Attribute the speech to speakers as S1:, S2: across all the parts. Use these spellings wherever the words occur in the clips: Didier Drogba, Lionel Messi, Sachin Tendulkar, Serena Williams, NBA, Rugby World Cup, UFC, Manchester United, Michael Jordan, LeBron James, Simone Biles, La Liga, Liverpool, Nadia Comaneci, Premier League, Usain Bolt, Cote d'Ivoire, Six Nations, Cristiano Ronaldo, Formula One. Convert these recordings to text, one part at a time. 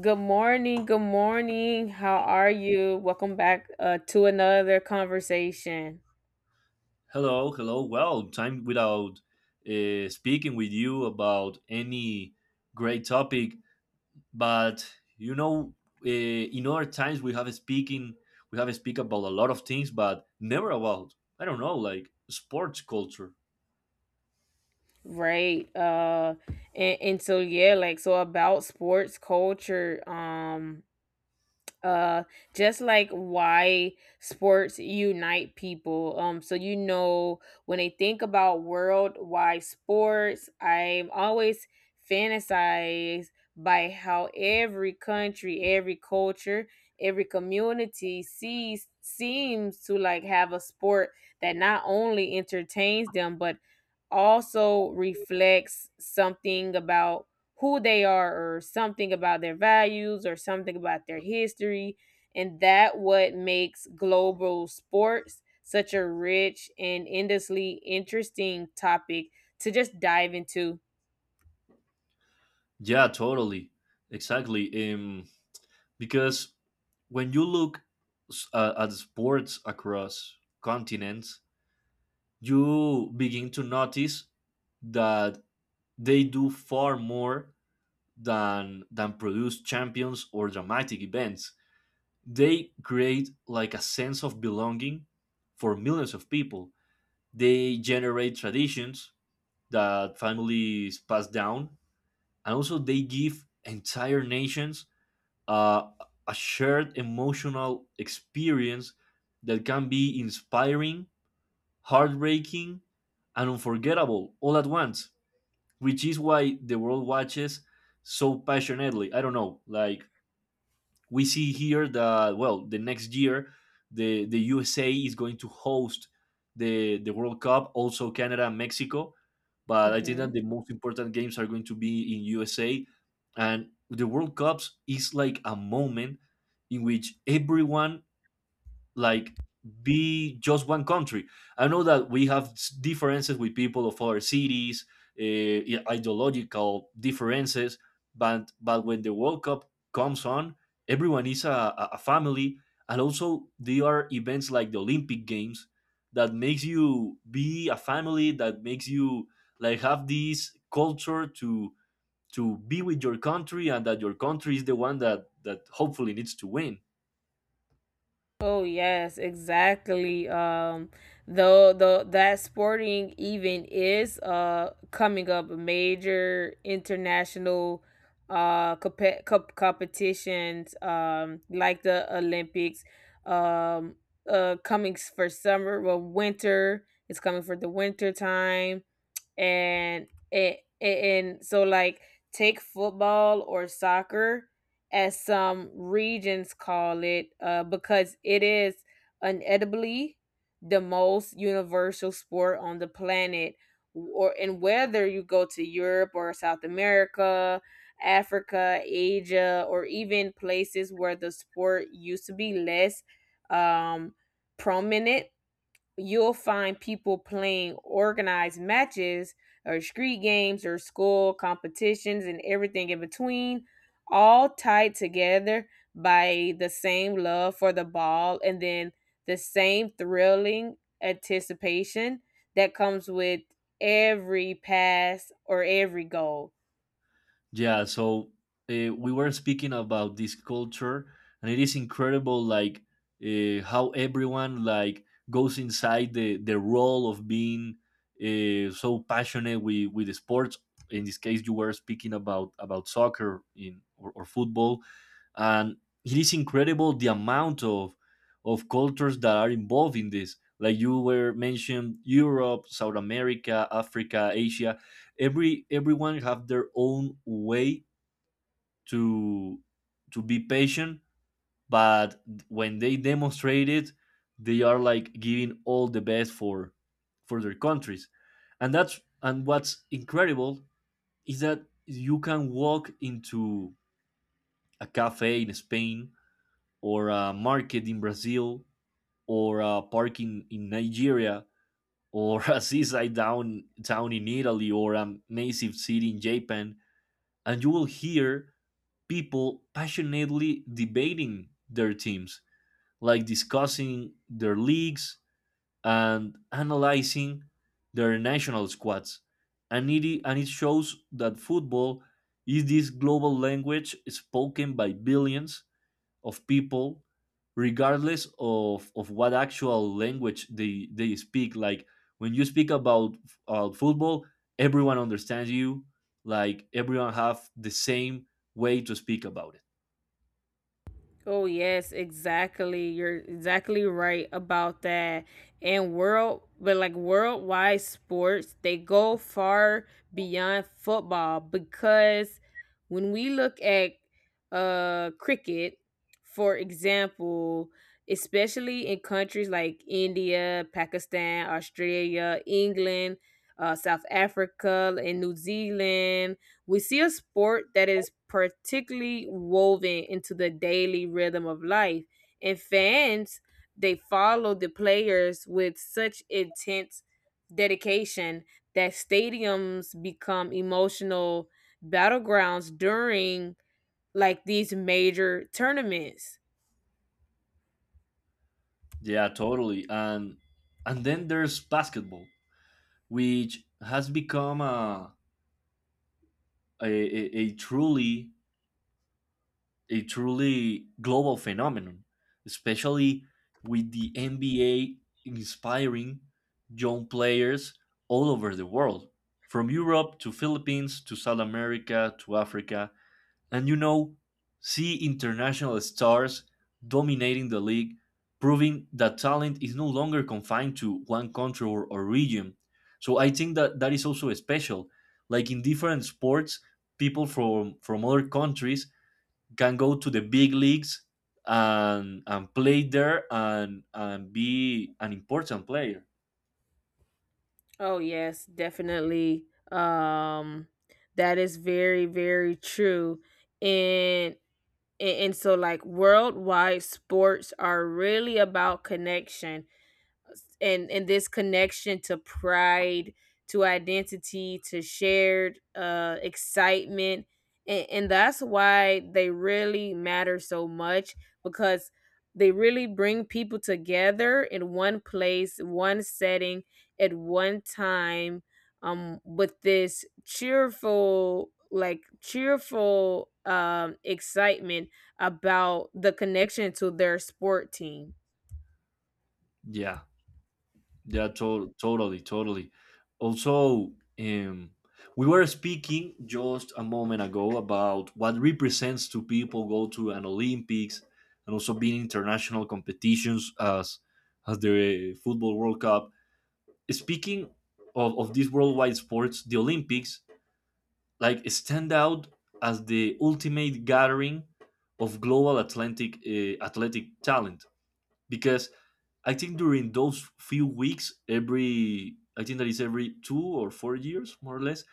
S1: Good morning. Good morning. How are you? Welcome back to another conversation.
S2: Hello, hello. Well, time without speaking with you about any great topic, but you know, in other times we have speaking, we have speak about a lot of things, but never about I don't know, like sports culture.
S1: Right. And so yeah, like so about sports culture. Uh just like why sports unite people, so when they think about worldwide sports, I'm always fantasized by how every country, every culture, every community sees seems to like have a sport that not only entertains them but also reflects something about who they are, or something about their values, or something about their history. And that what makes global sports such a rich and endlessly interesting topic to just dive into.
S2: Yeah, totally, exactly. Because when you look at sports across continents, you begin to notice that they do far more than produce champions or dramatic events. They create like a sense of belonging for millions of people. They generate traditions that families pass down, and also they give entire nations uh, a shared emotional experience that can be inspiring, heartbreaking, and unforgettable all at once, which is why the world watches so passionately. I don't know, like we see here that well, the next year the USA is going to host the World Cup, also Canada and Mexico. But I think that
S1: Mhm.
S2: the most important games are going to be in USA, and the World Cups is like a moment in which everyone like be just one country. I know that we have differences with people of other cities, ideological differences, but when the World Cup comes on, everyone is a family, and also there are events like the Olympic Games that makes you be a family, that makes you like have this culture to be with your country and that your country is the one that hopefully needs to win.
S1: Oh yes, exactly. Though the that sporting event is coming up, major international competitions like the Olympics, um coming for summer, well, winter, it's coming for the winter time. And so like, take football, or soccer as some regions call it, because it is unedibly the most universal sport on the planet. Or and Whether you go to Europe or South America, Africa, Asia, or even places where the sport used to be less um, prominent, you'll find people playing organized matches or street games or school competitions and everything in between, all tied together by the same love for the ball, and then the same thrilling anticipation that comes with every pass or every goal.
S2: Yeah, so we were speaking about this culture, and it is incredible, like how everyone like goes inside the role of being so passionate with the sports. In this case, you were speaking about soccer in or football, and it is incredible the amount of cultures that are involved in this, like you were mentioned Europe, South America, Africa, Asia. Everyone have their own way to be patient, but when they demonstrate it, they are like giving all the best for their countries. And what's incredible is that you can walk into a cafe in Spain, or a market in Brazil, or a park in, Nigeria, or a seaside down, town in Italy, or a massive city in Japan, and you will hear people passionately debating their teams, like discussing their leagues and analyzing their national squads. And it shows that football is this global language spoken by billions of people regardless of what actual language they speak. Like when you speak about football, everyone understands you, like everyone have the same way to speak about it.
S1: Oh yes, exactly. You're exactly right about that. And world but like Worldwide sports, they go far beyond football, because when we look at cricket, for example, especially in countries like India, Pakistan, Australia, England, South Africa, and New Zealand, we see a sport that is particularly woven into the daily rhythm of life, and fans, they follow the players with such intense dedication that stadiums become emotional battlegrounds during like these major tournaments.
S2: Yeah, totally. And then there's basketball, which has become a truly a truly global phenomenon, especially with the NBA inspiring young players all over the world, from Europe to Philippines to South America to Africa, and you know, see international stars dominating the league, proving that talent is no longer confined to one country or region. So I think that that is also special. Like in different sports, people from other countries can go to the big leagues and play there and be an important player.
S1: Oh yes, definitely. That is very, very true. And and so, like, worldwide sports are really about connection, and this connection to pride, to identity, to shared excitement. And that's why they really matter so much, because they really bring people together in one place, one setting, at one time, with this cheerful excitement about the connection to their sport team.
S2: Yeah, yeah, totally, totally. Also, um, we were speaking just a moment ago about what represents to people go to an Olympics, and also being international competitions as the football World Cup. Speaking of, these worldwide sports, the Olympics like stand out as the ultimate gathering of global Atlantic athletic talent, because I think during those few weeks, every I think that is every 2 or 4 years, more or less,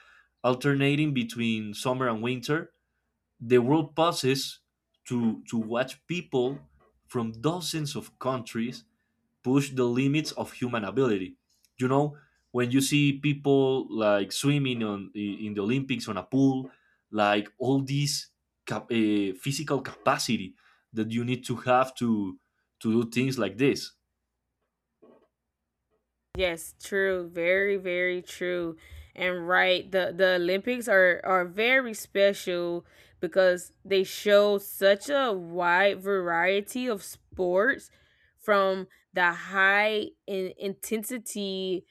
S2: alternating between summer and winter, the world passes to watch people from dozens of countries push the limits of human ability. You know, when you see people like swimming on in the Olympics on a pool, like all this physical capacity that you need to have to do things like this.
S1: Yes, true. Very, very true. And right, the Olympics are very special because they show such a wide variety of sports, from the high in intensity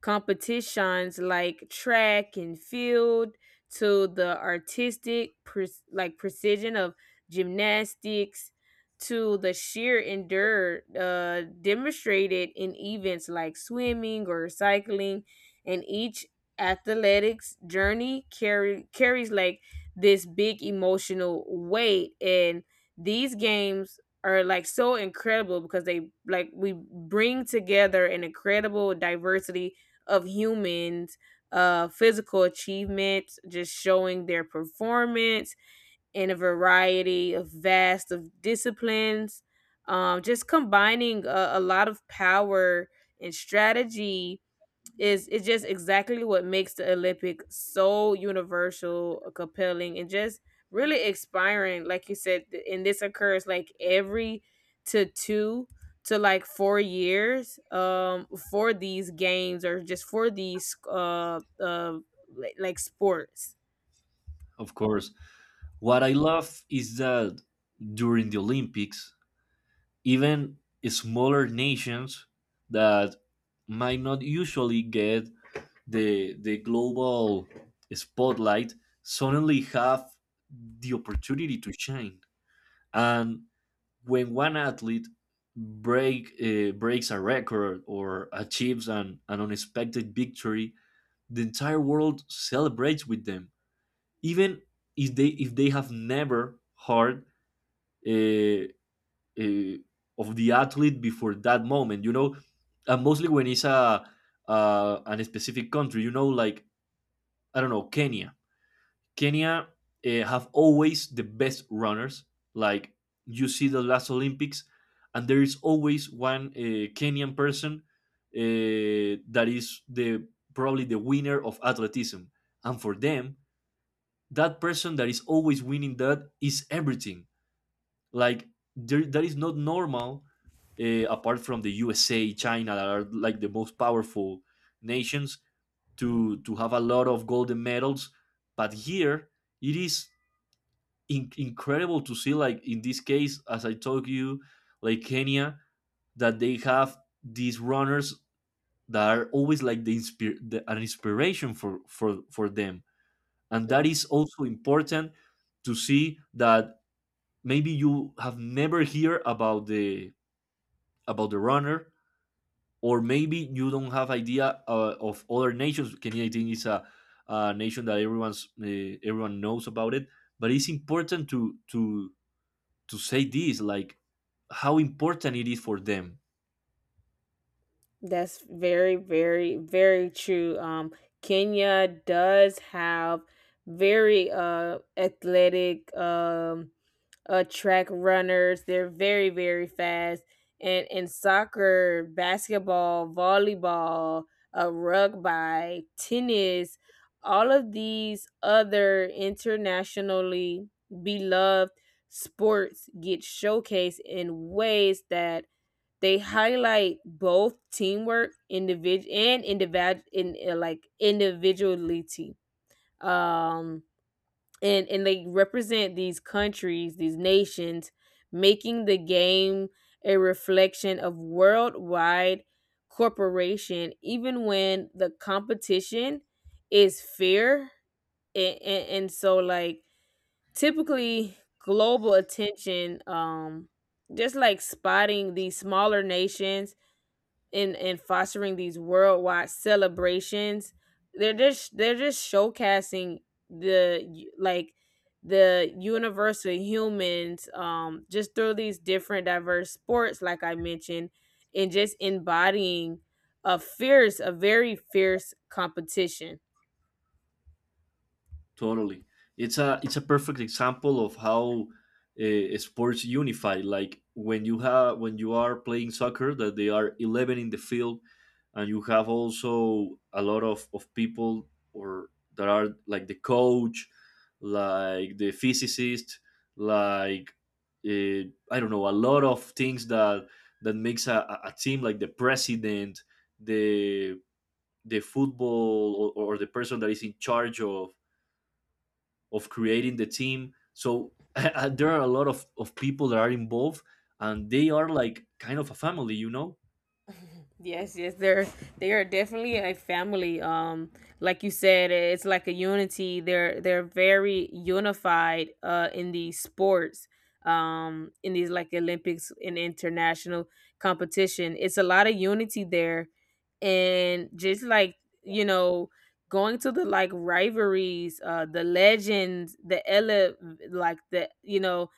S1: competitions like track and field, to the artistic precision of gymnastics, to the sheer endure, demonstrated in events like swimming or cycling. And each athletics journey carry carries like this big emotional weight. And these games are like so incredible because they like we bring together an incredible diversity of humans, physical achievements, just showing their performance in a variety of vast of disciplines, just combining a lot of power and strategy. Is it's just exactly what makes the Olympic so universal, compelling, and just really inspiring. Like you said, th- and this occurs like every to two to like 4 years for these games, or just for these like sports.
S2: Of course, what I love is that during the Olympics even smaller nations that might not usually get the global spotlight suddenly have the opportunity to shine, and when one athlete breaks a record or achieves an unexpected victory, the entire world celebrates with them, even if they have never heard uh, uh, of the athlete before that moment. You know, and mostly when it's a an specific country. You know, like I don't know, Kenya. Kenya have always the best runners. Like you see the last Olympics, and there is always one Kenyan person that is the probably the winner of athleticism, and for them, that person that is always winning that is everything. Like there, that is not normal. Apart from the USA, China, that are like the most powerful nations, to have a lot of golden medals. But here it is incredible to see, like in this case, as I told you, like Kenya, that they have these runners that are always like the, the an inspiration for for them, and that
S1: Mm-mm.
S2: is also important to see that maybe you have never heard about the runner, or maybe you don't have idea of other nations. Kenya, I think, is a nation that everyone's everyone knows about it. But it's important to to say this, like how important it is for them.
S1: That's very, very, very true. Kenya does have very athletic, track runners. They're very, very fast. And in soccer, basketball, volleyball, rugby, tennis, all of these other internationally beloved sports get showcased in ways that they highlight both teamwork, individual, in individuality. Um, and they represent these countries, these nations, making the game a reflection of worldwide corporation, even when the competition is fair. And so, like, typically global attention, just like spotting these smaller nations in fostering these worldwide celebrations, they're just showcasing the u- like the universal humans, just through these different diverse sports like I mentioned, and just embodying a very fierce competition.
S2: Totally. It's a perfect example of how sports unify. Like when you have when you are playing soccer, that they are eleven in the field, and you have also a lot of people or that are like the coach, like the physicist, like uh, I don't know, a lot of things that that makes a team like the president, the the football, or the person that is in charge of creating the team. So there are a lot of, people that are involved, and they are like kind of a family, you know?
S1: Yes, yes, they're they are definitely a family. Like you said, it's like a unity. They're very unified. In these sports, in these like Olympics and international competition, it's a lot of unity there. And just like You know, going to the like rivalries, the legends, the ele like the you know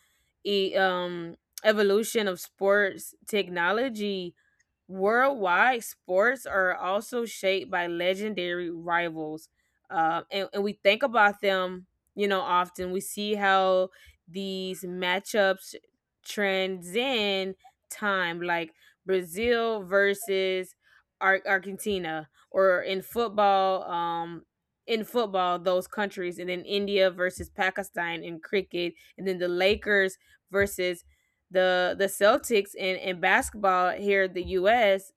S1: e- evolution of sports technology. Worldwide sports are also shaped by legendary rivals, and we think about them. You know, often we see how these matchups transcend time, like Brazil versus Argentina, or in football in football, those countries, and then India versus Pakistan in cricket, and then the Lakers versus the Celtics, in basketball here in the US,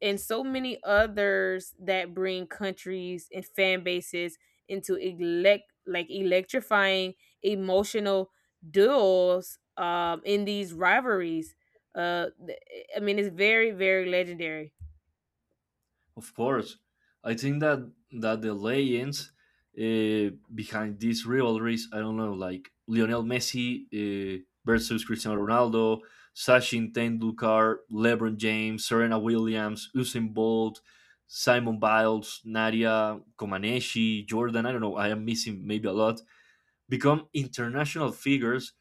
S1: and so many others that bring countries and fan bases into electrifying emotional duels, in these rivalries. Uh th- I mean, it's very, very legendary.
S2: Of course. I think that the legends behind these rivalries, I don't know, like Lionel Messi versus Cristiano Ronaldo, Sachin Tendulkar, LeBron James, Serena Williams, Usain Bolt, Simon Biles, Nadia Comaneci, Jordan, I don't know, I am missing maybe a lot, become international figures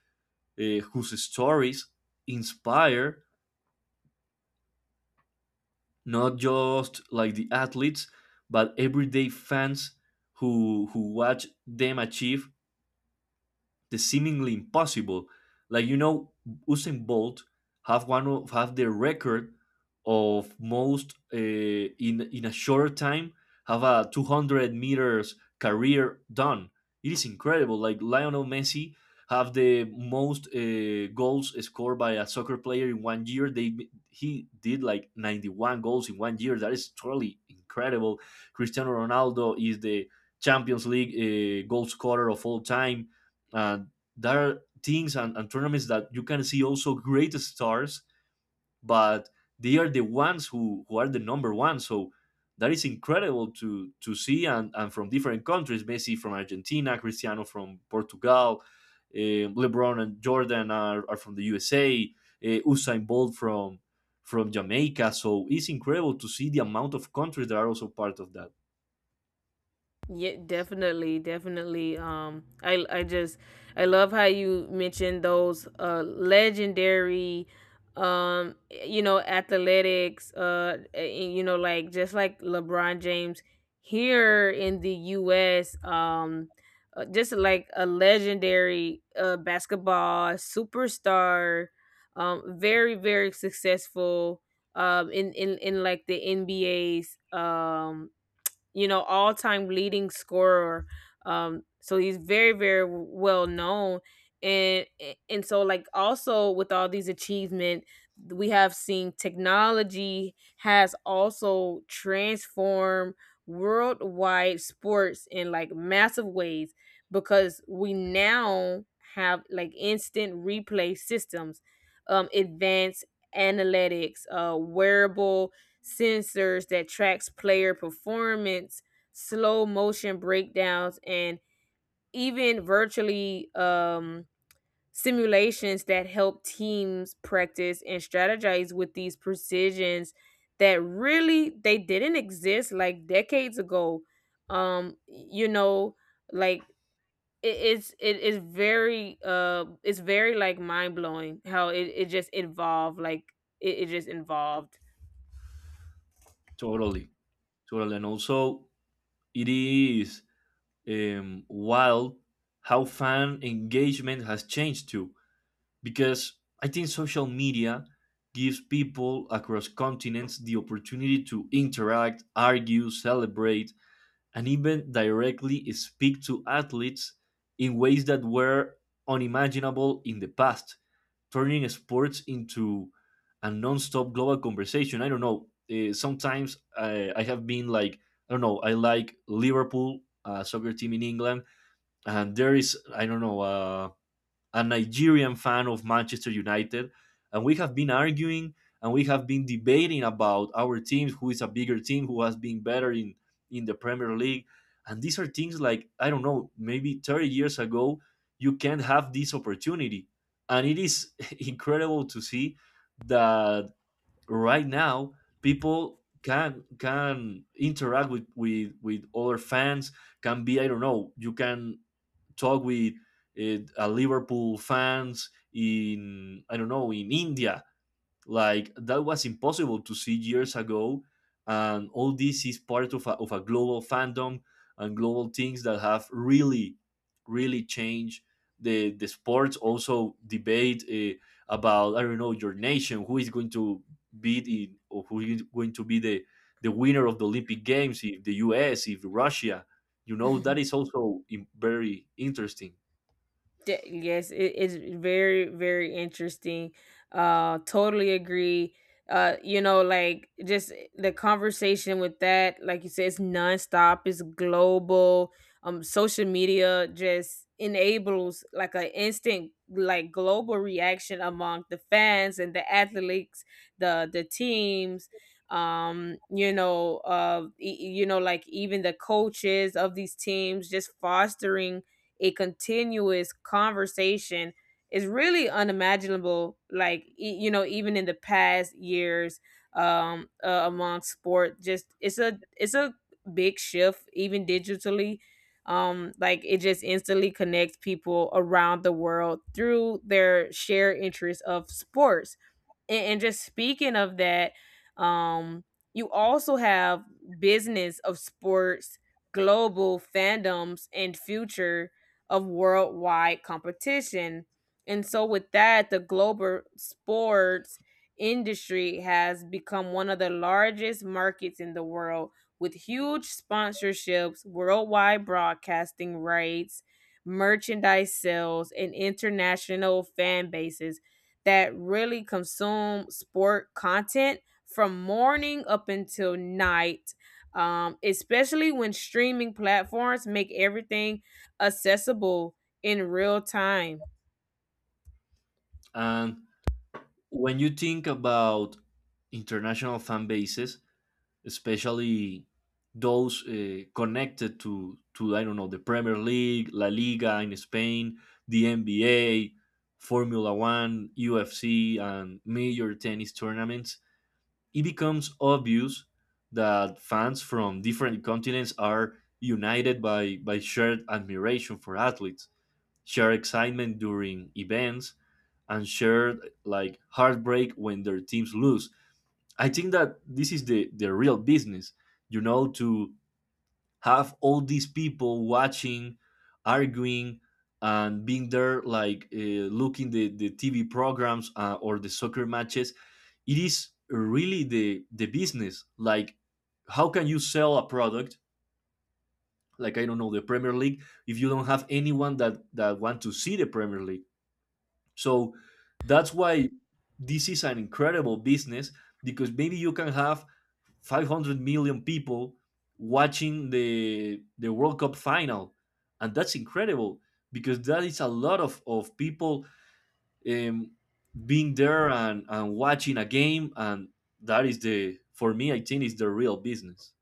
S2: whose stories inspire not just like the athletes but everyday fans who watch them achieve the seemingly impossible. Like you know, Usain Bolt have one of have the record of most in a shorter time have a 200 meters career done. It is incredible. Like Lionel Messi have the most goals scored by a soccer player in one year. They he did like 91 goals in one year. That is totally incredible. Cristiano Ronaldo is the Champions League goal scorer of all time. Uh, there are teams and tournaments that you can see also great stars, but they are the ones who are the number one. So that is incredible to see, and from different countries, Messi from Argentina, Cristiano from Portugal, LeBron and Jordan are from the USA, Usain Bolt from Jamaica. So it's incredible to see the amount of countries that are also part of that.
S1: Yeah, definitely, definitely. I just, I love how you mentioned those legendary, you know, athletics. And, you know, like just like LeBron James here in the U.S. Just like a legendary basketball superstar. Very, very successful. In like the NBA's, you know, all time leading scorer. So he's very, very well known. And and so like, also with all these achievement, we have seen technology has also transformed worldwide sports in like massive ways, because we now have like instant replay systems, advanced analytics, wearable sensors that tracks player performance, slow motion breakdowns, and even virtually, simulations that help teams practice and strategize with these precisions that really they didn't exist like decades ago. You know, like it's, it is very it's very like mind blowing how it just evolved, like it just involved.
S2: Totally, totally, and also it is wild how fan engagement has changed too, because I think social media gives people across continents the opportunity to interact, argue, celebrate, and even directly speak to athletes in ways that were unimaginable in the past, turning sports into a non-stop global conversation. I don't know. Sometimes I have been like, I don't know. I like Liverpool, a soccer team in England, and there is, I don't know, a Nigerian fan of Manchester United, and we have been arguing and we have been debating about our teams, who is a bigger team, who has been better in the Premier League. And these are things, like, I don't know, maybe 30 years ago you can't have this opportunity, and it is incredible to see that right now people can interact with with other fans, can be, I don't know, you can talk with Liverpool fans in, I don't know, in India. Like, that was impossible to see years ago, and all this is part of a global fandom and global things that have really changed the sports. Also debate about, I don't know, your nation, who is going to be the, or who is going to be the winner of the Olympic Games, if the US, if Russia. You know, that is also very interesting.
S1: Yes, it is very, very interesting. Totally agree. You know, like just the conversation with that, like you said, it's nonstop, it's global. Social media just enables like an instant, like global reaction among the fans and the athletes, the teams. You know, you know, like even the coaches of these teams, just fostering a continuous conversation is really unimaginable, like you know, even in the past years, among sport. Just It's a it's a big shift, even digitally, like it just instantly connects people around the world through their shared interest of sports. And just speaking of that, um you also have business of sports, global fandoms, and future of worldwide competition. And so with that, the global sports industry has become one of the largest markets in the world, with huge sponsorships, worldwide broadcasting rights, merchandise sales, and international fan bases that really consume sport content from morning up until night. Especially when streaming platforms make everything accessible in real time.
S2: And when you think about international fan bases, especially those connected to I don't know the Premier League, La Liga in Spain, the NBA, Formula One, UFC, and major tennis tournaments, it becomes obvious that fans from different continents are united by shared admiration for athletes, shared excitement during events, and shared, like, heartbreak when their teams lose. I think that this is the real business, you know, to have all these people watching, arguing, and being there, like, looking the TV programs, or the soccer matches. It is really the business. Like, how can you sell a product? Like, I don't know, the Premier League, if you don't have anyone that want to see the Premier League? So that's why this is an incredible business, because maybe you can have 500 million people watching the World Cup final, and that's incredible, because that is a lot of people, um, being there and watching a game, and that is the, for me, I think is the real business.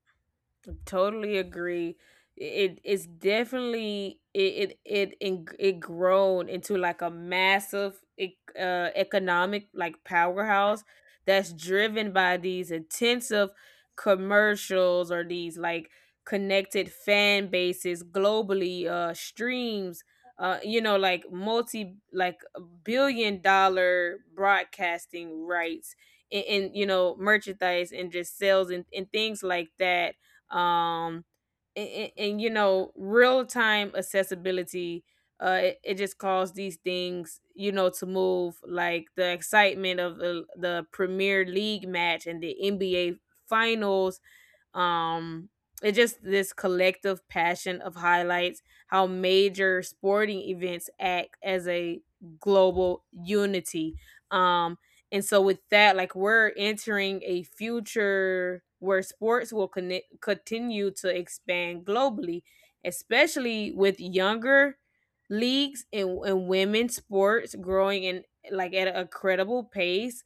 S1: Totally agree. It is definitely it grown into like a massive economic like powerhouse that's driven by these intensive commercials, or these like connected fan bases globally, streams, you know, like multi like billion-dollar broadcasting rights, and you know, merchandise and just sales, and things like that. Um and, and, and, you know, real time accessibility, it just caused these things, you know, to move like the excitement of the Premier League match and the NBA finals. um, it's just this collective passion of highlights, how major sporting events act as a global unity. Um, and so with that, like we're entering a future where sports will connect, continue to expand globally, especially with younger leagues, and women's sports growing in like at a credible pace.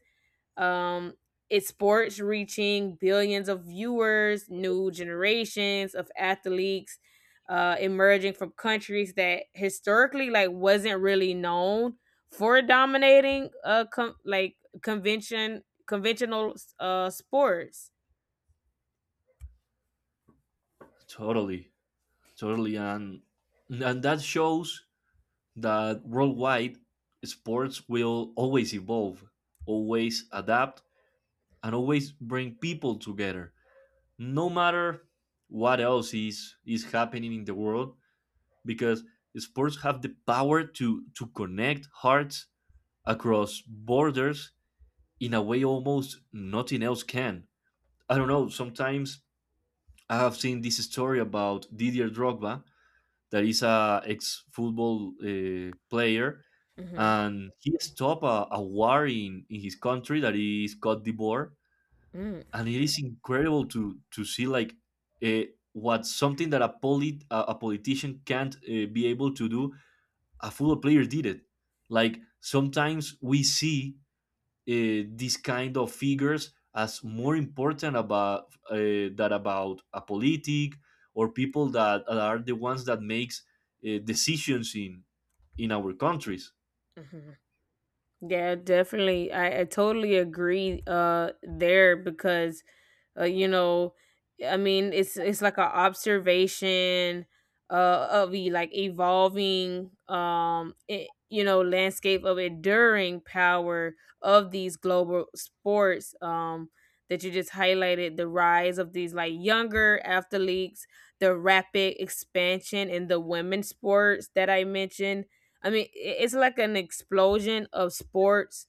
S1: um, it's sports reaching billions of viewers, new generations of athletes emerging from countries that historically like wasn't really known for dominating conventional sports.
S2: Totally, totally, and that shows that worldwide sports will always evolve, always adapt, and always bring people together, no matter what else is happening in the world, because sports have the power to connect hearts across borders in a way almost nothing else can. I don't know. Sometimes I have seen this story about Didier Drogba, that is a ex-football player,
S1: Hmm.
S2: and he stopped a war in his country, that is Cote d'Ivoire.
S1: Mm.
S2: And it is incredible to see, like, uh, what, something that a a politician can't be able to do, a football player did it. Like, sometimes we see these kind of figures as more important about, that, about a politic, or people that are the ones that makes decisions in our countries.
S1: Yeah, definitely. I totally agree there, because you know, I mean it's like an observation of the like evolving, you know, landscape of enduring power of these global sports, that you just highlighted the rise of these like younger athletes, the rapid expansion in the women's sports that I mentioned. i mean i- it's like an explosion of sports,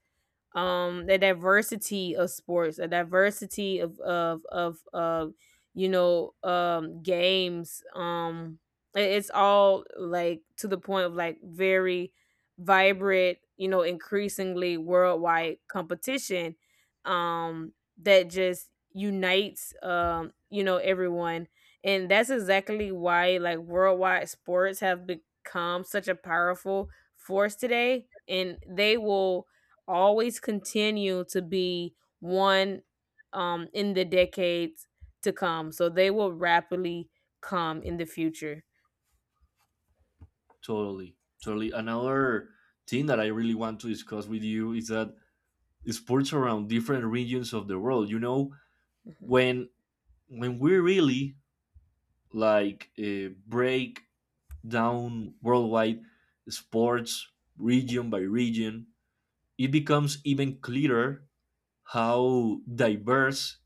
S1: the diversity of sports, the diversity of, you know, games. It's all like to the point of like very vibrant, you know, increasingly worldwide competition, that just unites, you know, everyone. And that's exactly why like worldwide sports have become such a powerful force today, and they will always continue to be one, in the decades to come. So they will rapidly come in the future.
S2: Totally, totally, another thing that I really want to discuss with you is that sports around different regions of the world, you know,
S1: Mhm.
S2: when we really, like, break down worldwide sports region by region, it becomes even clearer how diverse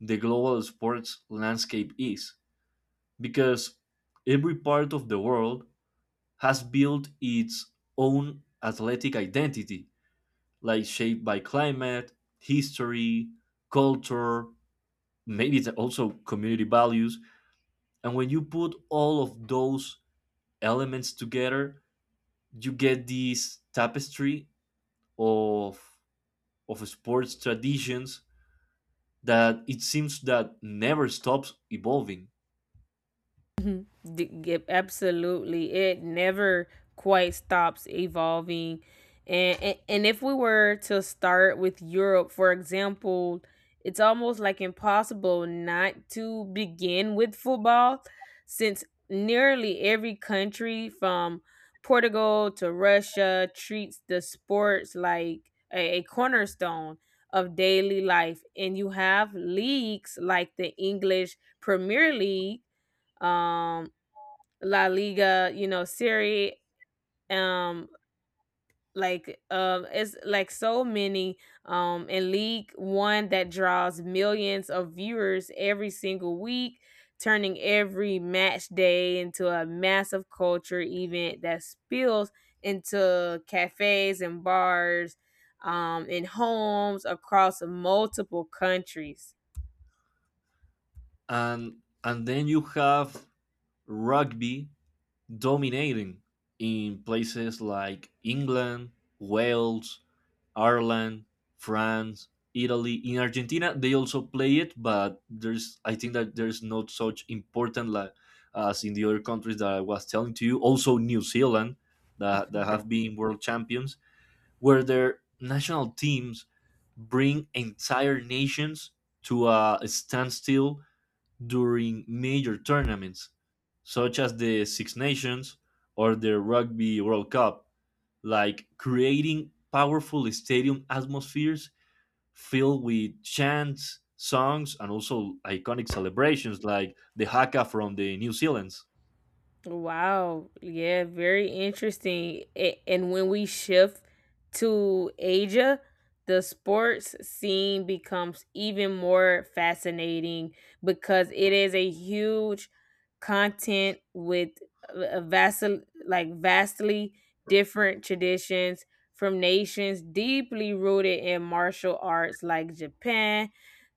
S2: the global sports landscape is, because every part of the world has built its own athletic identity, like shaped by climate, history, culture, maybe it's also community values. And when you put all of those elements together, you get this tapestry of of sports traditions, that it seems that never stops evolving.
S1: Yep, absolutely. It never quite stops evolving. And if we were to start with Europe, for example, it's almost like impossible not to begin with football, since nearly every country from Portugal to Russia treats the sports like a cornerstone of daily life. And you have leagues like the English Premier League, um La Liga, you know, Serie, um, like it's like so many, in League One, that draws millions of viewers every single week, turning every match day into a massive culture event that spills into cafes and bars, in homes across multiple countries.
S2: And and then you have rugby dominating in places like England, Wales, Ireland, France, Italy. In Argentina, they also play it, but there's, I think that there's not such important like as in the other countries that I was telling to you. Also, New Zealand, that have been world champions, where their national teams bring entire nations to a standstill during major tournaments, such as the Six Nations or the Rugby World Cup, like creating powerful stadium atmospheres filled with chants, songs, and also iconic celebrations like the haka from the New Zealand's.
S1: Wow. Yeah, very interesting. And when we shift to Asia, the sports scene becomes even more fascinating, because it is a huge content with a vastly different traditions, from nations deeply rooted in martial arts like Japan,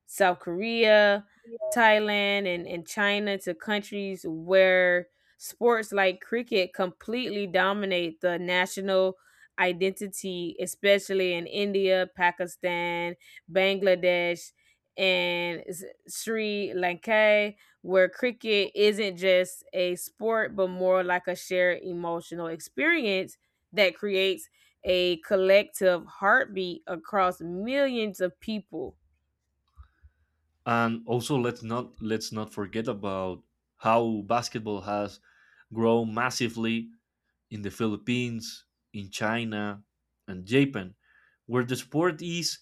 S1: South Korea, Thailand, and China, to countries where sports like cricket completely dominate the national identity, especially in India, Pakistan, Bangladesh, and Sri Lanka, where cricket isn't just a sport, but more like a shared emotional experience that creates a collective heartbeat across millions of people.
S2: And also, let's not forget about how basketball has grown massively in the Philippines, in China, and Japan, where the sport is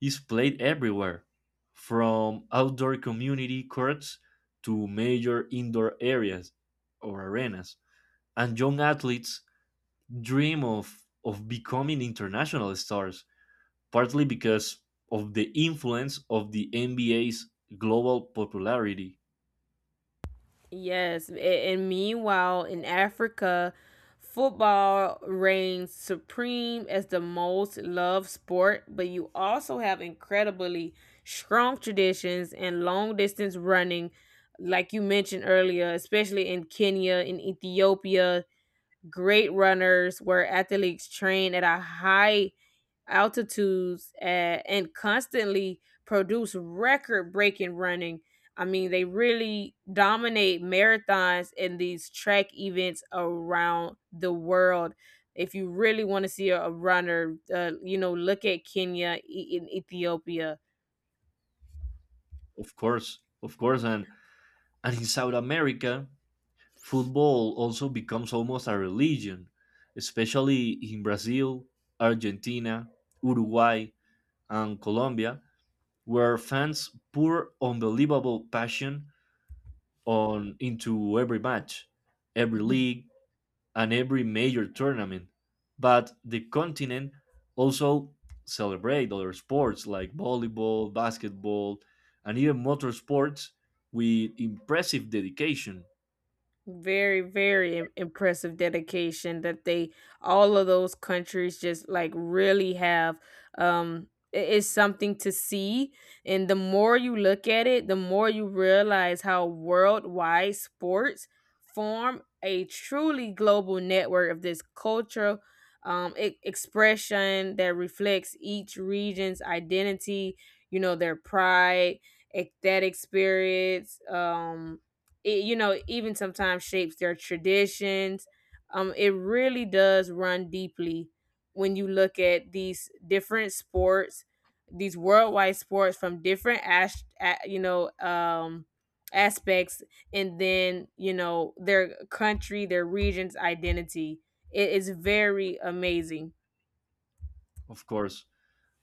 S2: is played everywhere, from outdoor community courts to major indoor areas or arenas. And young athletes dream of becoming international stars, partly because of the influence of the NBA's global popularity.
S1: Yes, and meanwhile in Africa, football reigns supreme as the most loved sport, but you also have incredibly strong traditions and long distance running, like you mentioned earlier, especially in Kenya, in Ethiopia, great runners were athletes trained at a high altitudes, and constantly produce record breaking running. I mean, they really dominate marathons and these track events around the world. If you really want to see a runner, you know, look at Kenya in Ethiopia.
S2: Of course, and in South America, football also becomes almost a religion, especially in Brazil, Argentina, Uruguay, and Colombia, where fans pour unbelievable passion on into every match, every league, and every major tournament. But the continent also celebrate other sports like volleyball, basketball, and even motorsports with impressive dedication,
S1: Very, very impressive dedication that they, all of those countries just like really have. um it's something to see, and the more you look at it, the more you realize how worldwide sports form a truly global network of this cultural, expression that reflects each region's identity, you know, their pride, ecstatic spirits. You know, even sometimes shapes their traditions. It really does run deeply when you look at these different sports, these worldwide sports, from different you know, aspects, and then, you know, their country, their region's identity. It is very amazing.
S2: of course.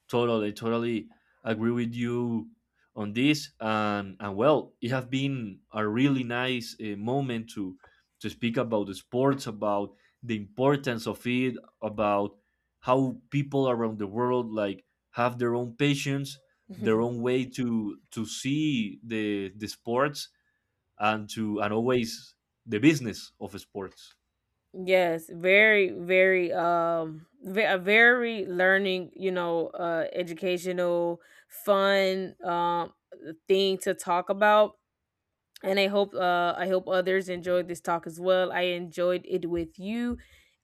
S2: Totally, totally agree with you on this. And well, it has been a really nice moment to speak about the sports, about the importance of it, about how people around the world, like, have their own patience, their own way to see the sports, and to, and always the business of sports.
S1: Yes, very, very, a very learning, you know, educational, fun, thing to talk about. And I hope others enjoyed this talk as well. I enjoyed it with you,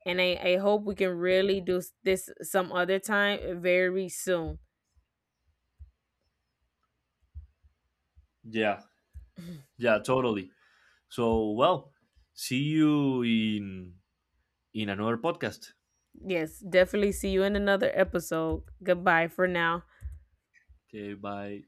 S1: and I hope we can really do this some other time, very soon.
S2: Yeah, yeah, totally. So well, see you in another podcast.
S1: Yes, definitely see you in another episode. Goodbye for now.
S2: Okay, bye.